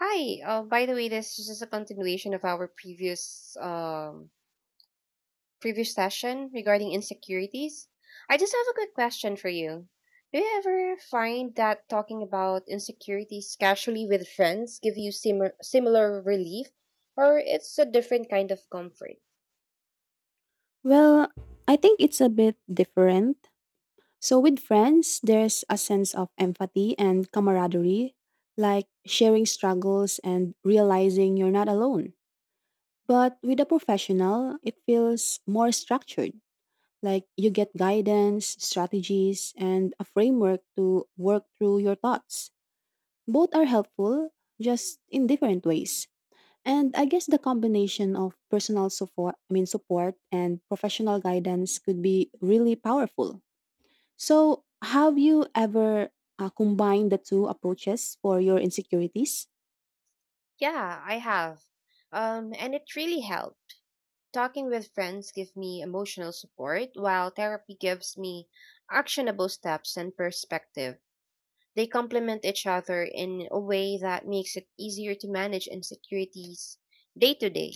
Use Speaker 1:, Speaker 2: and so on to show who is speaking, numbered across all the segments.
Speaker 1: Hi. By the way, this is just a continuation of our previous session regarding insecurities. I just have a quick question for you. Do you ever find that talking about insecurities casually with friends give you similar relief, or it's a different kind of comfort?
Speaker 2: Well, I think it's a bit different. So, with friends, there's a sense of empathy and camaraderie, like sharing struggles and realizing you're not alone. But with a professional, it feels more structured, like you get guidance, strategies, and a framework to work through your thoughts. Both are helpful, just in different ways. And I guess the combination of personal support, I mean support and professional guidance could be really powerful. So, have you ever combined the two approaches for your insecurities?
Speaker 1: Yeah, I have. And it really helped. Talking with friends give me emotional support, while therapy gives me actionable steps and perspective. They complement each other in a way that makes it easier to manage insecurities day to day.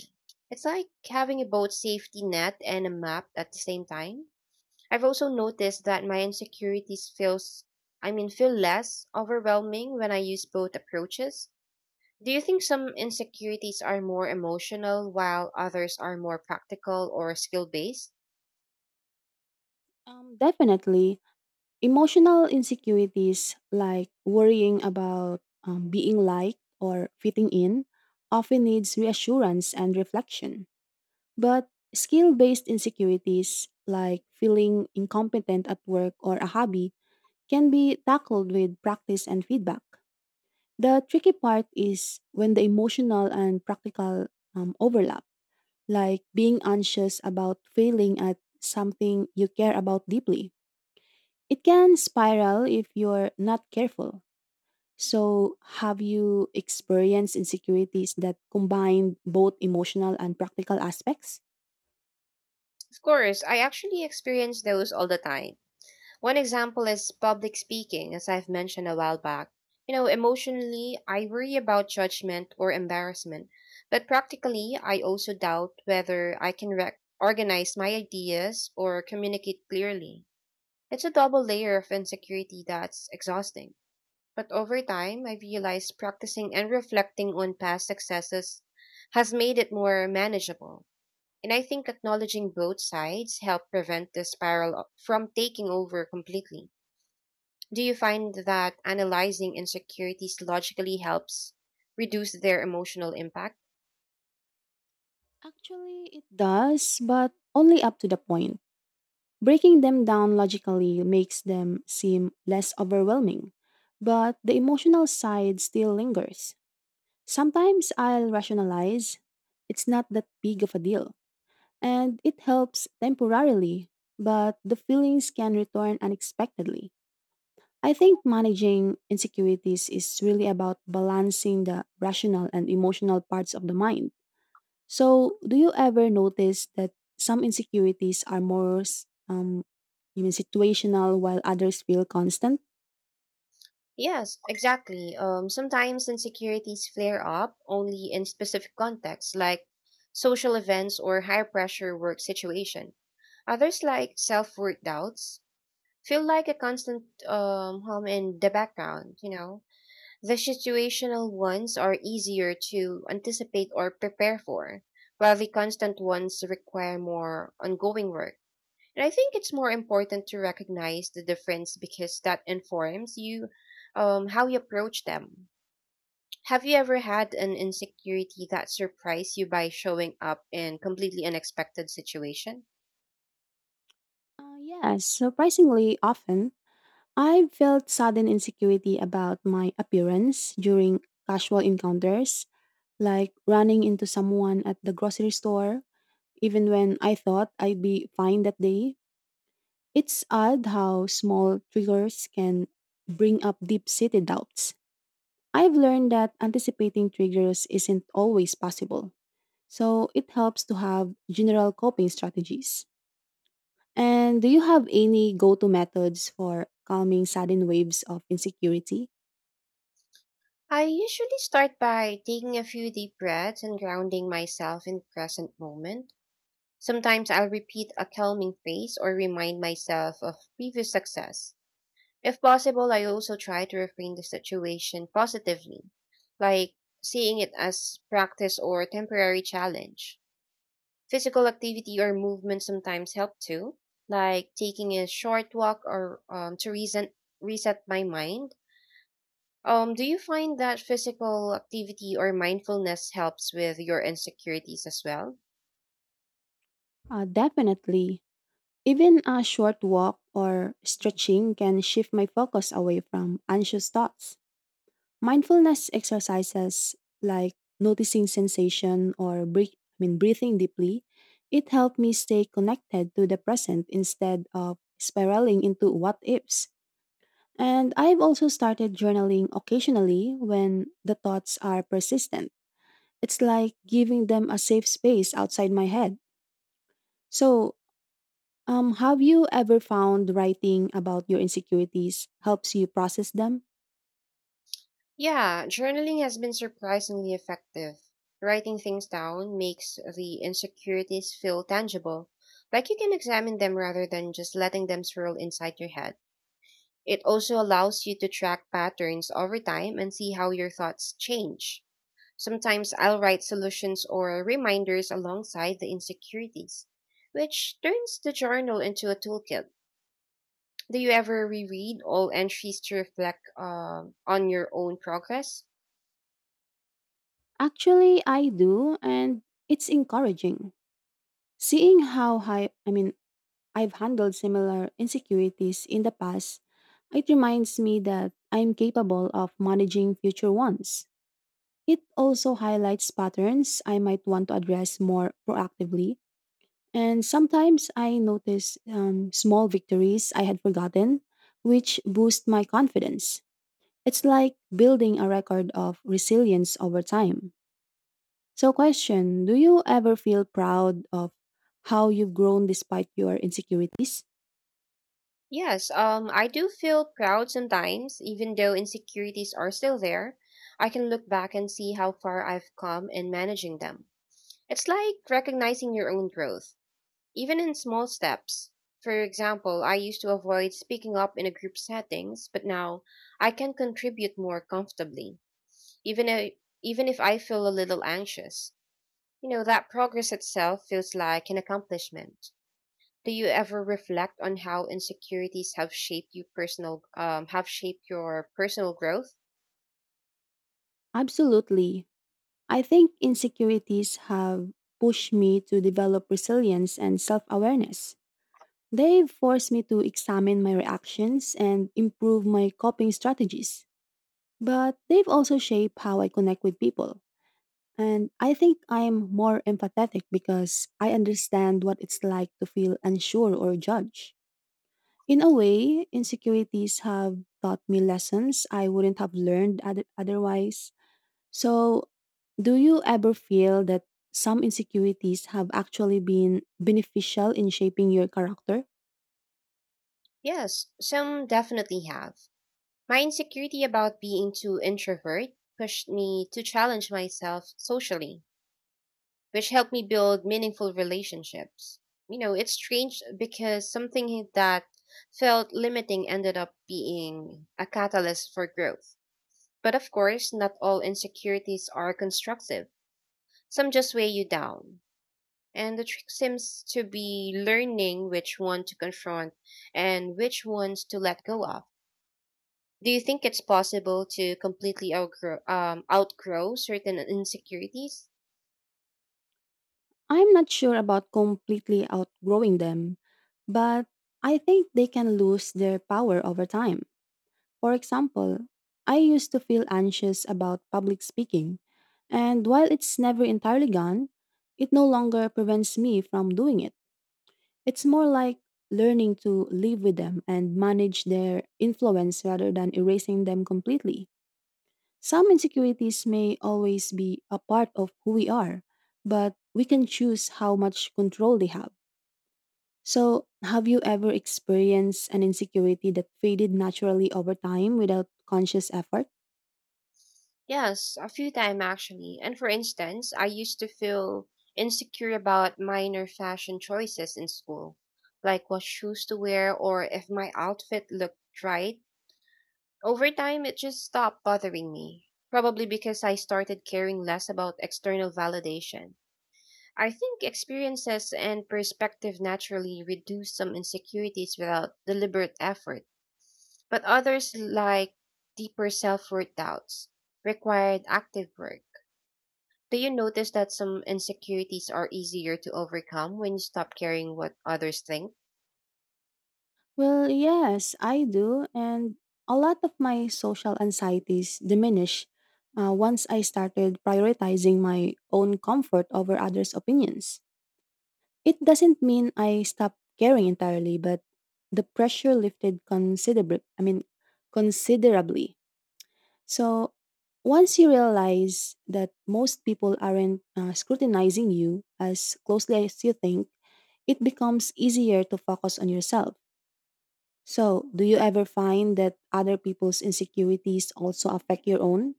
Speaker 1: It's like having a both safety net and a map at the same time. I've also noticed that my insecurities feel less overwhelming when I use both approaches. Do you think some insecurities are more emotional while others are more practical or skill based?
Speaker 2: Definitely. Emotional insecurities like worrying about being liked or fitting in often needs reassurance and reflection. But skill-based insecurities like feeling incompetent at work or a hobby can be tackled with practice and feedback. The tricky part is when the emotional and practical overlap, like being anxious about failing at something you care about deeply. It can spiral if you're not careful. So, have you experienced insecurities that combine both emotional and practical aspects?
Speaker 1: Of course, I actually experience those all the time. One example is public speaking, as I've mentioned a while back. You know, emotionally, I worry about judgment or embarrassment, but practically, I also doubt whether I can organize my ideas or communicate clearly. It's a double layer of insecurity that's exhausting. But over time, I realized practicing and reflecting on past successes has made it more manageable. And I think acknowledging both sides help prevent the spiral from taking over completely. Do you find that analyzing insecurities logically helps reduce their emotional impact?
Speaker 2: Actually, it does, but only up to the point. Breaking them down logically makes them seem less overwhelming, but the emotional side still lingers. Sometimes I'll rationalize it's not that big of a deal, and it helps temporarily, but the feelings can return unexpectedly. I think managing insecurities is really about balancing the rational and emotional parts of the mind. So, do you ever notice that some insecurities are more even situational while others feel constant?
Speaker 1: Yes, exactly. Sometimes insecurities flare up only in specific contexts, like social events or high pressure work situation. Others, like self worth doubts, feel like a constant hum in the background. You know, the situational ones are easier to anticipate or prepare for, while the constant ones require more ongoing work. And I think it's more important to recognize the difference because that informs you how you approach them. Have you ever had an insecurity that surprised you by showing up in completely unexpected situation?
Speaker 2: Yes, surprisingly often. I felt sudden insecurity about my appearance during casual encounters, like running into someone at the grocery store, even when I thought I'd be fine that day. It's odd how small triggers can bring up deep seated doubts. I've learned that anticipating triggers isn't always possible, so it helps to have general coping strategies. And do you have any go to methods for calming sudden waves of insecurity?
Speaker 1: I usually start by taking a few deep breaths and grounding myself in the present moment. Sometimes I'll repeat a calming phrase or remind myself of previous success. If possible, I also try to reframe the situation positively, like seeing it as practice or temporary challenge. Physical activity or movement sometimes help too, like taking a short walk or reset my mind. Do you find that physical activity or mindfulness helps with your insecurities as well?
Speaker 2: Definitely. Even a short walk or stretching can shift my focus away from anxious thoughts. Mindfulness exercises like noticing sensation or breathing deeply, it helped me stay connected to the present instead of spiraling into what ifs. And I've also started journaling occasionally when the thoughts are persistent. It's like giving them a safe space outside my head. So, have you ever found writing about your insecurities helps you process them?
Speaker 1: Yeah, journaling has been surprisingly effective. Writing things down makes the insecurities feel tangible, like you can examine them rather than just letting them swirl inside your head. It also allows you to track patterns over time and see how your thoughts change. Sometimes I'll write solutions or reminders alongside the insecurities, which turns the journal into a toolkit. Do you ever reread all entries to reflect on your own progress?
Speaker 2: Actually, I do, and it's encouraging. Seeing how high, I mean, I've handled similar insecurities in the past, it reminds me that I'm capable of managing future ones. It also highlights patterns I might want to address more proactively. And sometimes I notice small victories I had forgotten, which boost my confidence. It's like building a record of resilience over time. So, question: Do you ever feel proud of how you've grown despite your insecurities?
Speaker 1: Yes, I do feel proud sometimes, even though insecurities are still there. I can look back and see how far I've come in managing them. It's like recognizing your own growth, even in small steps. For example, I used to avoid speaking up in a group settings, but now I can contribute more comfortably, even if, even if I feel a little anxious. You know, that progress itself feels like an accomplishment. Do you ever reflect on how insecurities have shaped you personal have shaped your personal growth?
Speaker 2: Absolutely. I think insecurities have pushed me to develop resilience and self awareness. They've forced me to examine my reactions and improve my coping strategies. But they've also shaped how I connect with people. And I think I'm more empathetic because I understand what it's like to feel unsure or judged. In a way, insecurities have taught me lessons I wouldn't have learned otherwise. So, do you ever feel that some insecurities have actually been beneficial in shaping your character?
Speaker 1: Yes, some definitely have. My insecurity about being too introvert pushed me to challenge myself socially, which helped me build meaningful relationships. You know, it's strange because something that felt limiting ended up being a catalyst for growth. But of course, not all insecurities are constructive. Some just weigh you down, and the trick seems to be learning which one to confront and which ones to let go of. Do you think it's possible to completely outgrow certain insecurities?
Speaker 2: I'm not sure about completely outgrowing them, but I think they can lose their power over time. For example, I used to feel anxious about public speaking, and while it's never entirely gone, it no longer prevents me from doing it. It's more like learning to live with them and manage their influence rather than erasing them completely. Some insecurities may always be a part of who we are, but we can choose how much control they have. So, have you ever experienced an insecurity that faded naturally over time without conscious effort?
Speaker 1: Yes, a few times actually. And for instance, I used to feel insecure about minor fashion choices in school, like what shoes to wear or if my outfit looked right. Over time, it just stopped bothering me, probably because I started caring less about external validation. I think experiences and perspective naturally reduce some insecurities without deliberate effort, but others, like deeper self worth doubts, required active work. Do you notice that some insecurities are easier to overcome when you stop caring what others think?
Speaker 2: Well, yes, I do. And a lot of my social anxieties diminish, once I started prioritizing my own comfort over others' opinions. It doesn't mean I stopped caring entirely, but the pressure lifted considerably. So once you realize that most people aren't scrutinizing you as closely as you think, it becomes easier to focus on yourself. So, do you ever find that other people's insecurities also affect your own?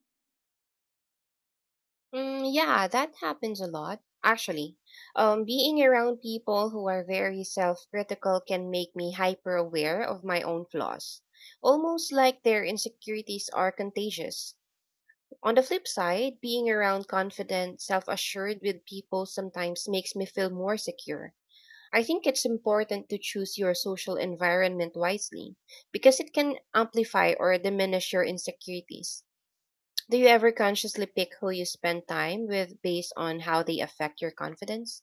Speaker 1: Yeah, that happens a lot. Actually, being around people who are very self critical can make me hyper aware of my own flaws, almost like their insecurities are contagious. On the flip side, being around confident, self assured with people sometimes makes me feel more secure. I think it's important to choose your social environment wisely because it can amplify or diminish your insecurities. Do you ever consciously pick who you spend time with based on how they affect your confidence?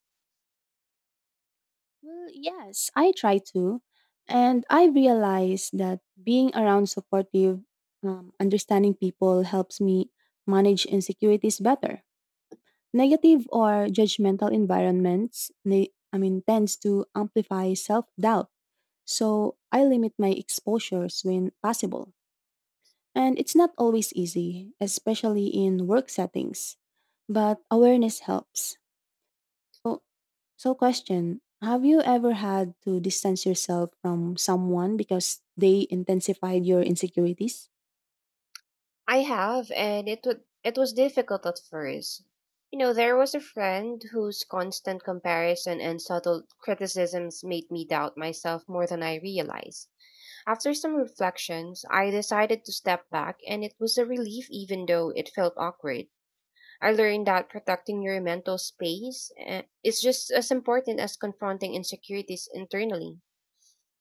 Speaker 2: Well, yes, I try to. And I realize that being around supportive, understanding people helps me manage insecurities better. Negative or judgmental environments, tends to amplify self doubt. So, I limit my exposures when possible. And it's not always easy, especially in work settings, but awareness helps. So, question: Have you ever had to distance yourself from someone because they intensified your insecurities?
Speaker 1: I have, and it was difficult at first. You know, there was a friend whose constant comparison and subtle criticisms made me doubt myself more than I realized. After some reflections, I decided to step back, and it was a relief even though it felt awkward. I learned that protecting your mental space is just as important as confronting insecurities internally.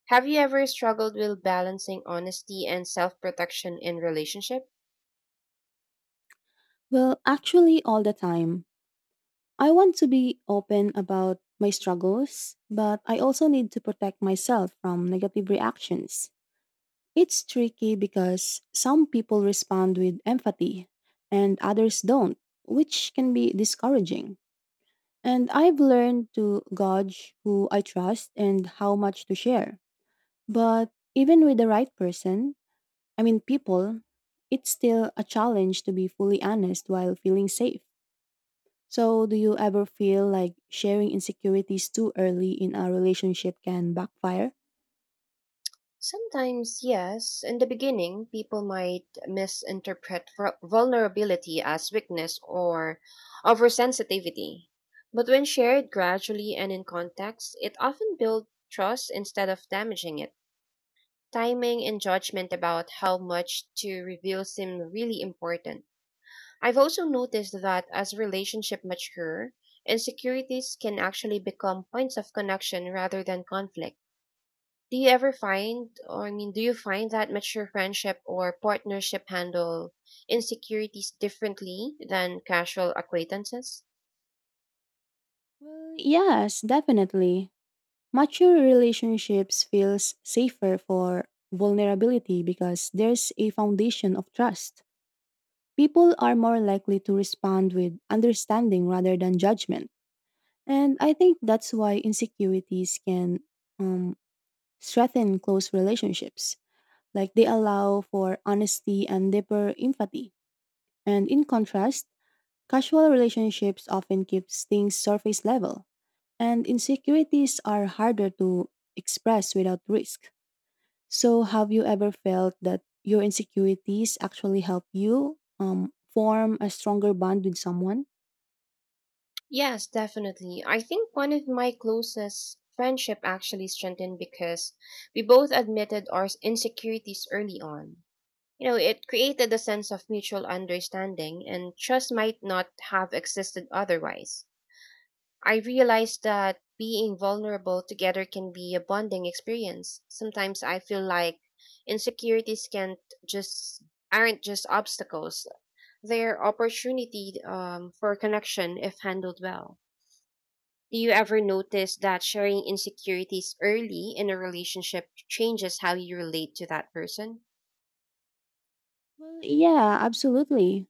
Speaker 1: Have you ever struggled with balancing honesty and self-protection in relationship?
Speaker 2: Well, actually, all the time. I want to be open about my struggles, but I also need to protect myself from negative reactions. It's tricky because some people respond with empathy and others don't, which can be discouraging. And I've learned to gauge who I trust and how much to share. But even with the right people, it's still a challenge to be fully honest while feeling safe. So, do you ever feel like sharing insecurities too early in a relationship can backfire?
Speaker 1: Sometimes, yes. In the beginning, people might misinterpret vulnerability as weakness or oversensitivity. But when shared gradually and in context, it often builds trust instead of damaging it. Timing and judgment about how much to reveal seem really important. I've also noticed that as relationships mature, insecurities can actually become points of connection rather than conflict. Do you find that mature friendship or partnership handle insecurities differently than casual acquaintances?
Speaker 2: Well, yes, definitely. Mature relationships feels safer for vulnerability because there's a foundation of trust. People are more likely to respond with understanding rather than judgment. And I think that's why insecurities can um, strengthen close relationships. Like they allow for honesty and deeper empathy. And in contrast, casual relationships often keeps things surface level. And insecurities are harder to express without risk. So, have you ever felt that your insecurities actually help you form a stronger bond with someone?
Speaker 1: Yes, definitely. I think one of my closest friendship actually strengthened because we both admitted our insecurities early on. You know, it created a sense of mutual understanding and trust might not have existed otherwise. I realized that being vulnerable together can be a bonding experience. Sometimes I feel like insecurities can't just aren't just obstacles. They're opportunity for connection if handled well. Do you ever notice that sharing insecurities early in a relationship changes how you relate to that person?
Speaker 2: Well, yeah, absolutely.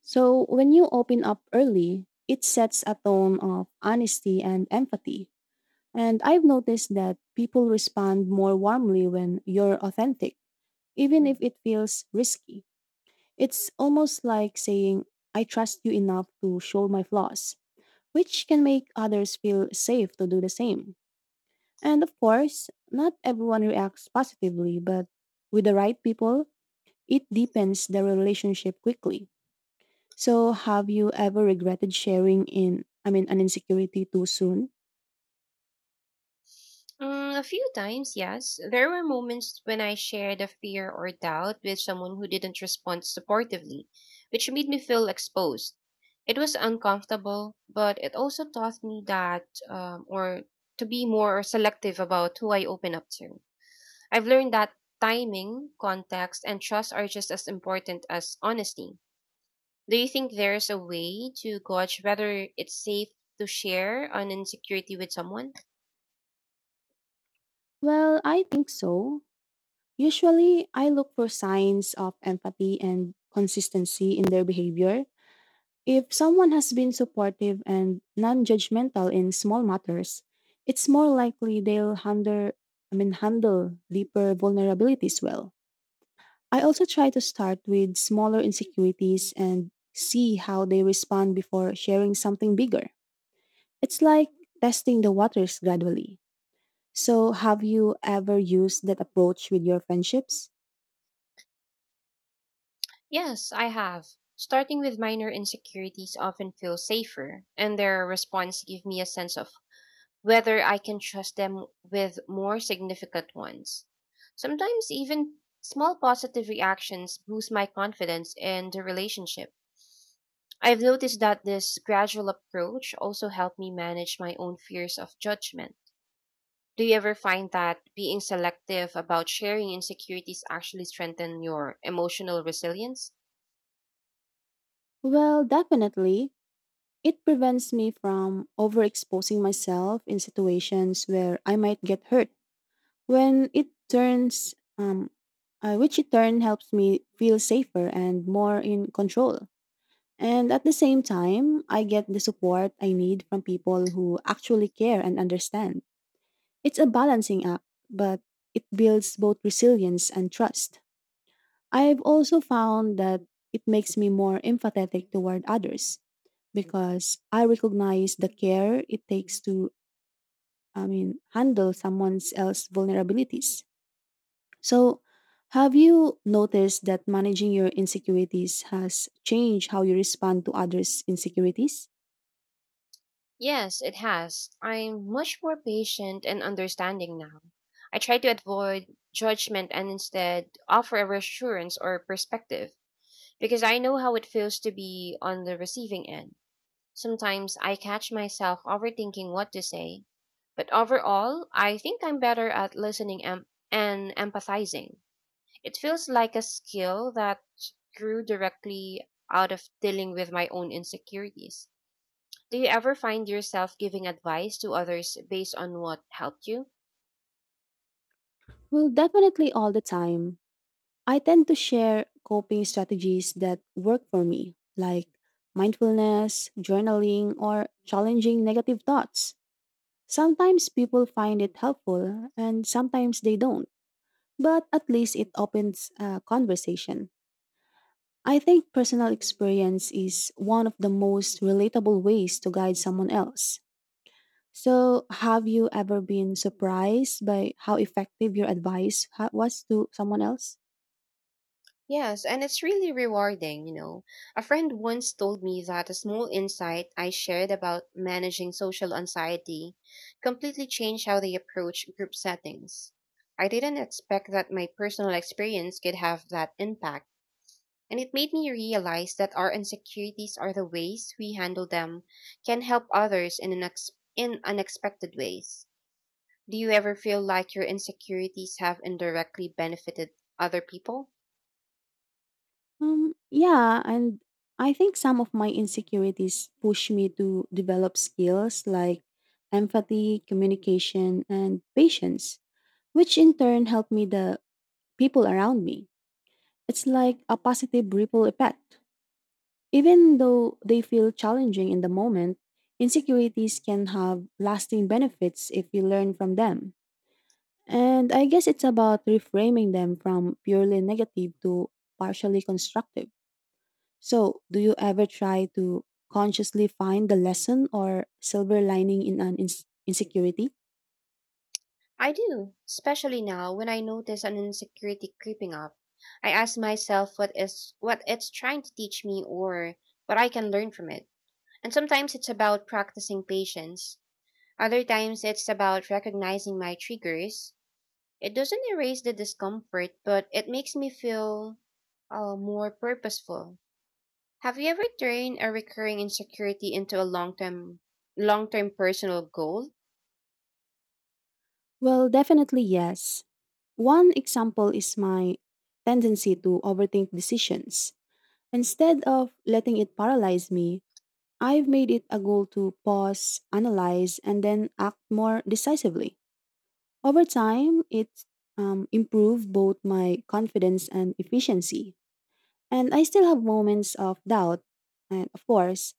Speaker 2: So, when you open up early, it sets a tone of honesty and empathy. And I've noticed that people respond more warmly when you're authentic, even if it feels risky. It's almost like saying, I trust you enough to show my flaws, which can make others feel safe to do the same. And of course, not everyone reacts positively, but with the right people, it deepens the relationship quickly. So, have you ever regretted sharing an insecurity too soon?
Speaker 1: A few times, yes. There were moments when I shared a fear or doubt with someone who didn't respond supportively, which made me feel exposed. It was uncomfortable, but it also taught me that, or to be more selective about who I open up to. I've learned that timing, context, and trust are just as important as honesty. Do you think there's a way to gauge whether it's safe to share an insecurity with someone?
Speaker 2: Well, I think so. Usually, I look for signs of empathy and consistency in their behavior. If someone has been supportive and non judgmental in small matters, it's more likely they'll handle deeper vulnerabilities well. I also try to start with smaller insecurities and see how they respond before sharing something bigger. It's like testing the waters gradually. So, have you ever used that approach with your friendships?
Speaker 1: Yes, I have. Starting with minor insecurities often feels safer, and their response give me a sense of whether I can trust them with more significant ones. Sometimes even small positive reactions boost my confidence in the relationship. I've noticed that this gradual approach also helped me manage my own fears of judgment. Do you ever find that being selective about sharing insecurities actually strengthen your emotional resilience?
Speaker 2: Well, definitely. It prevents me from overexposing myself in situations where I might get hurt. When it turns, um, which in turn helps me feel safer and more in control. And at the same time, I get the support I need from people who actually care and understand. It's a balancing act, but it builds both resilience and trust. I've also found that it makes me more empathetic toward others because I recognize the care it takes to handle someone else's vulnerabilities. So, have you noticed that managing your insecurities has changed how you respond to others' insecurities?
Speaker 1: Yes, it has. I'm much more patient and understanding now. I try to avoid judgment and instead offer a reassurance or perspective because I know how it feels to be on the receiving end. Sometimes I catch myself overthinking what to say, but overall, I think I'm better at listening and empathizing. It feels like a skill that grew directly out of dealing with my own insecurities. Do you ever find yourself giving advice to others based on what helped you?
Speaker 2: Well, definitely all the time. I tend to share coping strategies that work for me, like mindfulness, journaling, or challenging negative thoughts. Sometimes people find it helpful, and sometimes they don't, but at least it opens a conversation. I think personal experience is one of the most relatable ways to guide someone else. So, have you ever been surprised by how effective your advice was to someone else?
Speaker 1: Yes, and it's really rewarding, you know. A friend once told me that a small insight I shared about managing social anxiety completely changed how they approach group settings. I didn't expect that my personal experience could have that impact, and it made me realize that our insecurities are the ways we handle them can help others in unexpected ways. Do you ever feel like your insecurities have indirectly benefited other people?
Speaker 2: Yeah, and I think some of my insecurities push me to develop skills like empathy, communication, and patience, which in turn help me the people around me. It's like a positive ripple effect. Even though they feel challenging in the moment, insecurities can have lasting benefits if you learn from them. And I guess it's about reframing them from purely negative to partially constructive. So, do you ever try to consciously find the lesson or silver lining in an insecurity?
Speaker 1: I do, especially now when I notice an insecurity creeping up. I ask myself what it's trying to teach me or what I can learn from it. And sometimes it's about practicing patience. Other times it's about recognizing my triggers. It doesn't erase the discomfort, but it makes me feel more purposeful. Have you ever turned a recurring insecurity into a long-term personal goal?
Speaker 2: Well, definitely yes. One example is my tendency to overthink decisions. Instead of letting it paralyze me, I've made it a goal to pause, analyze, and then act more decisively. Over time, it improved both my confidence and efficiency. And I still have moments of doubt, and of course,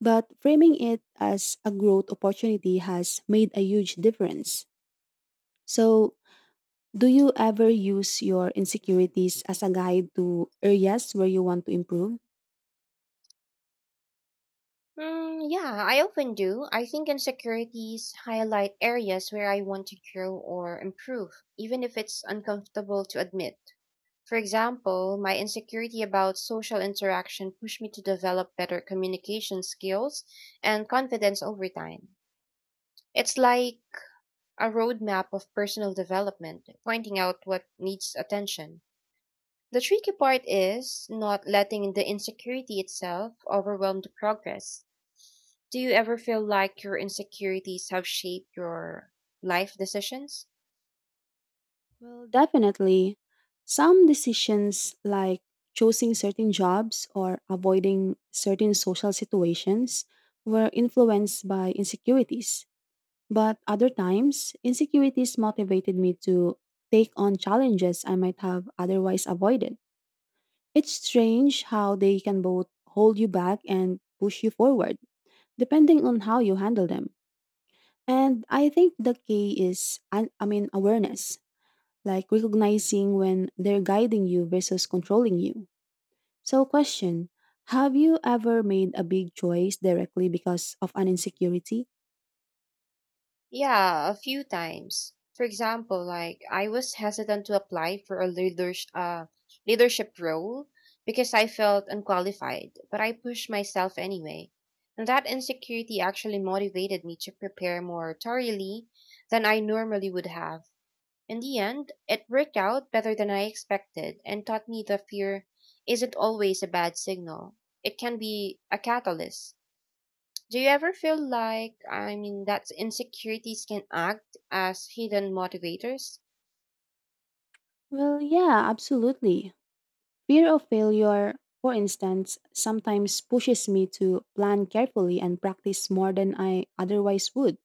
Speaker 2: but framing it as a growth opportunity has made a huge difference. So, do you ever use your insecurities as a guide to areas where you want to improve?
Speaker 1: Yeah, I often do. I think insecurities highlight areas where I want to grow or improve, even if it's uncomfortable to admit. For example, my insecurity about social interaction pushed me to develop better communication skills and confidence over time. It's like a roadmap of personal development, pointing out what needs attention. The tricky part is not letting the insecurity itself overwhelm the progress. Do you ever feel like your insecurities have shaped your life decisions?
Speaker 2: Well, definitely. Some decisions, like choosing certain jobs or avoiding certain social situations, were influenced by insecurities. But other times, insecurities motivated me to take on challenges I might have otherwise avoided. It's strange how they can both hold you back and push you forward, depending on how you handle them. And I think the key is awareness, like recognizing when they're guiding you versus controlling you. So, question: Have you ever made a big choice directly because of an insecurity?
Speaker 1: Yeah, a few times. For example, like I was hesitant to apply for a leadership role because I felt unqualified, but I pushed myself anyway. And that insecurity actually motivated me to prepare more thoroughly than I normally would have. In the end, it worked out better than I expected and taught me that fear isn't always a bad signal. It can be a catalyst. Do you ever feel like, I mean, that insecurities can act as hidden motivators?
Speaker 2: Well, yeah, absolutely. Fear of failure, for instance, sometimes pushes me to plan carefully and practice more than I otherwise would.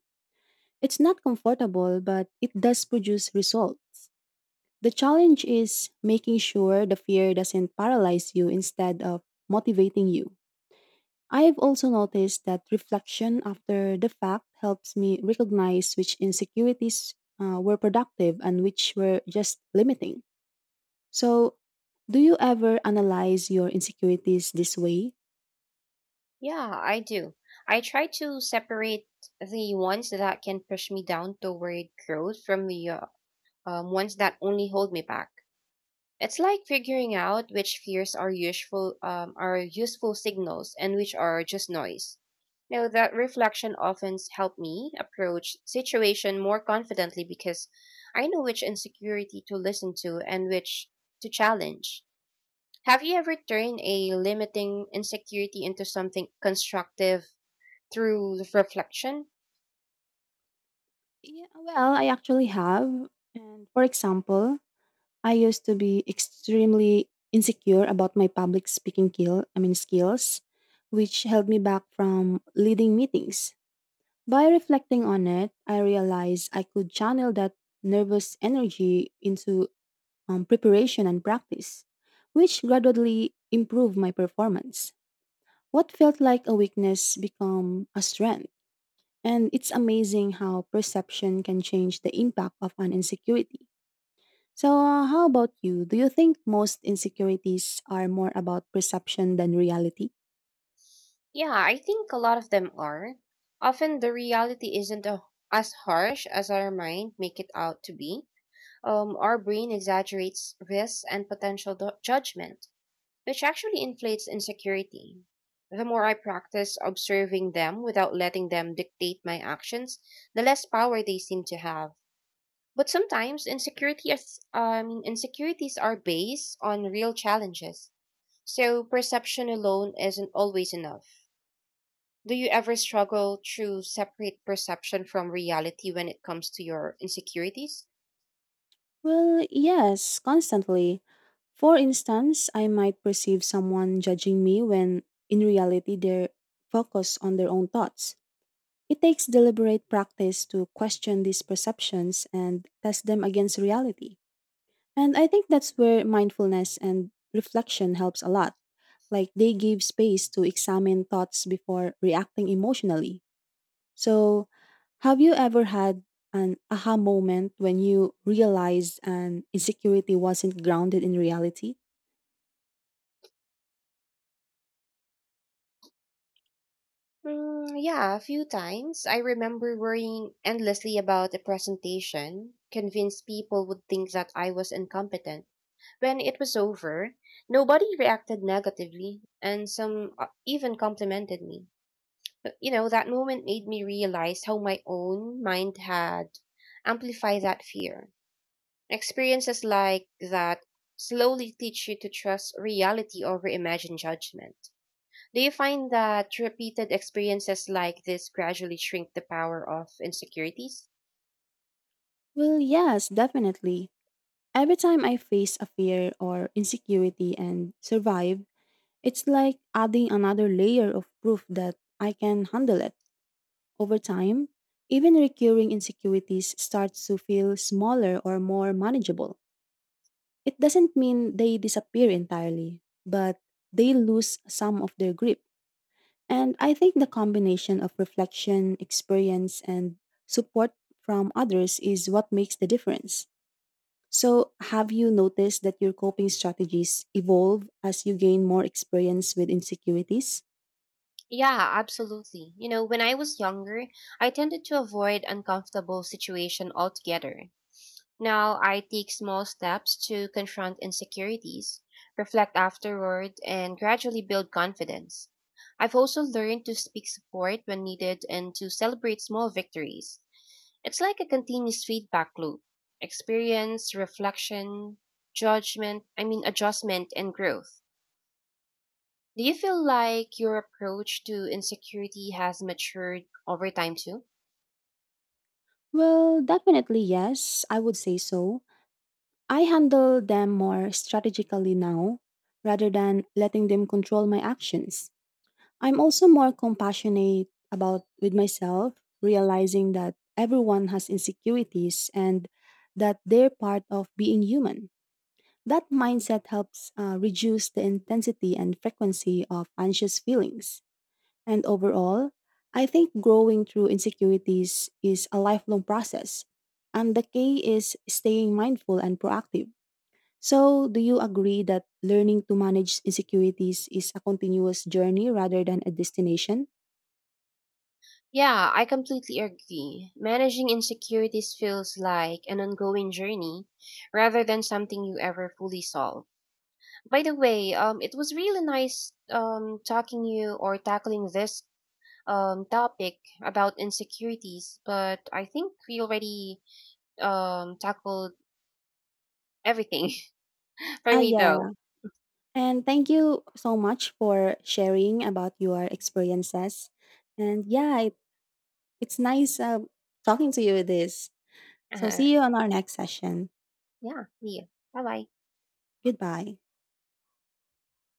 Speaker 2: It's not comfortable, but it does produce results. The challenge is making sure the fear doesn't paralyze you instead of motivating you. I've also noticed that reflection after the fact helps me recognize which insecurities were productive and which were just limiting. So, do you ever analyze your insecurities this way?
Speaker 1: Yeah, I do. I try to separate the ones that can push me down toward growth from the ones that only hold me back. It's like figuring out which fears are useful signals and which are just noise. Now that reflection often helped me approach situation more confidently because I know which insecurity to listen to and which to challenge. Have you ever turned a limiting insecurity into something constructive through reflection?
Speaker 2: Yeah, well, I actually have. And for example, I used to be extremely insecure about my public speaking skills, which held me back from leading meetings. By reflecting on it, I realized I could channel that nervous energy into preparation and practice, which gradually improved my performance. What felt like a weakness became a strength, and it's amazing how perception can change the impact of an insecurity. So, how about you? Do you think most insecurities are more about perception than reality?
Speaker 1: Yeah, I think a lot of them are. Often the reality isn't a, as harsh as our mind make it out to be. Our brain exaggerates risks and potential judgment, which actually inflates insecurity. The more I practice observing them without letting them dictate my actions, the less power they seem to have. But sometimes insecurities are based on real challenges, so perception alone isn't always enough. Do you ever struggle to separate perception from reality when it comes to your insecurities?
Speaker 2: Well, yes, constantly. For instance, I might perceive someone judging me when in reality they're focused on their own thoughts. It takes deliberate practice to question these perceptions and test them against reality. And I think that's where mindfulness and reflection helps a lot. Like they give space to examine thoughts before reacting emotionally. So, have you ever had an aha moment when you realized an insecurity wasn't grounded in reality?
Speaker 1: Yeah, a few times. I remember worrying endlessly about a presentation, convinced people would think that I was incompetent. When it was over, nobody reacted negatively, and some even complimented me. But, you know, that moment made me realize how my own mind had amplified that fear. Experiences like that slowly teach you to trust reality over imagined judgment. Do you find that repeated experiences like this gradually shrink the power of insecurities?
Speaker 2: Well, yes, definitely. Every time I face a fear or insecurity and survive, it's like adding another layer of proof that I can handle it. Over time, even recurring insecurities start to feel smaller or more manageable. It doesn't mean they disappear entirely, but they lose some of their grip. And I think the combination of reflection, experience, and support from others is what makes the difference. So, have you noticed that your coping strategies evolve as you gain more experience with insecurities?
Speaker 1: Yeah, absolutely. You know, when I was younger, I tended to avoid uncomfortable situation altogether. Now I take small steps to confront insecurities, reflect afterward, and gradually build confidence. I've also learned to speak support when needed and to celebrate small victories. It's like a continuous feedback loop. Experience, reflection, judgment, I mean adjustment and growth. Do you feel like your approach to insecurity has matured over time too?
Speaker 2: Well, definitely yes, I would say so. I handle them more strategically now rather than letting them control my actions. I'm also more compassionate about with myself, realizing that everyone has insecurities and that they're part of being human. That mindset helps reduce the intensity and frequency of anxious feelings. And overall, I think growing through insecurities is a lifelong process, and the key is staying mindful and proactive. So, do you agree that learning to manage insecurities is a continuous journey rather than a destination?
Speaker 1: Yeah, I completely agree. Managing insecurities feels like an ongoing journey rather than something you ever fully solve. By the way, it was really nice talking you or tackling this topic about insecurities, but I think we already tackled everything for
Speaker 2: Ah,
Speaker 1: me
Speaker 2: yeah.
Speaker 1: though.
Speaker 2: And thank you so much for sharing about your experiences. And yeah, it's nice talking to you with this. So
Speaker 1: Uh,
Speaker 2: see you on our next session.
Speaker 1: yeah, see you. Bye bye.
Speaker 2: Goodbye.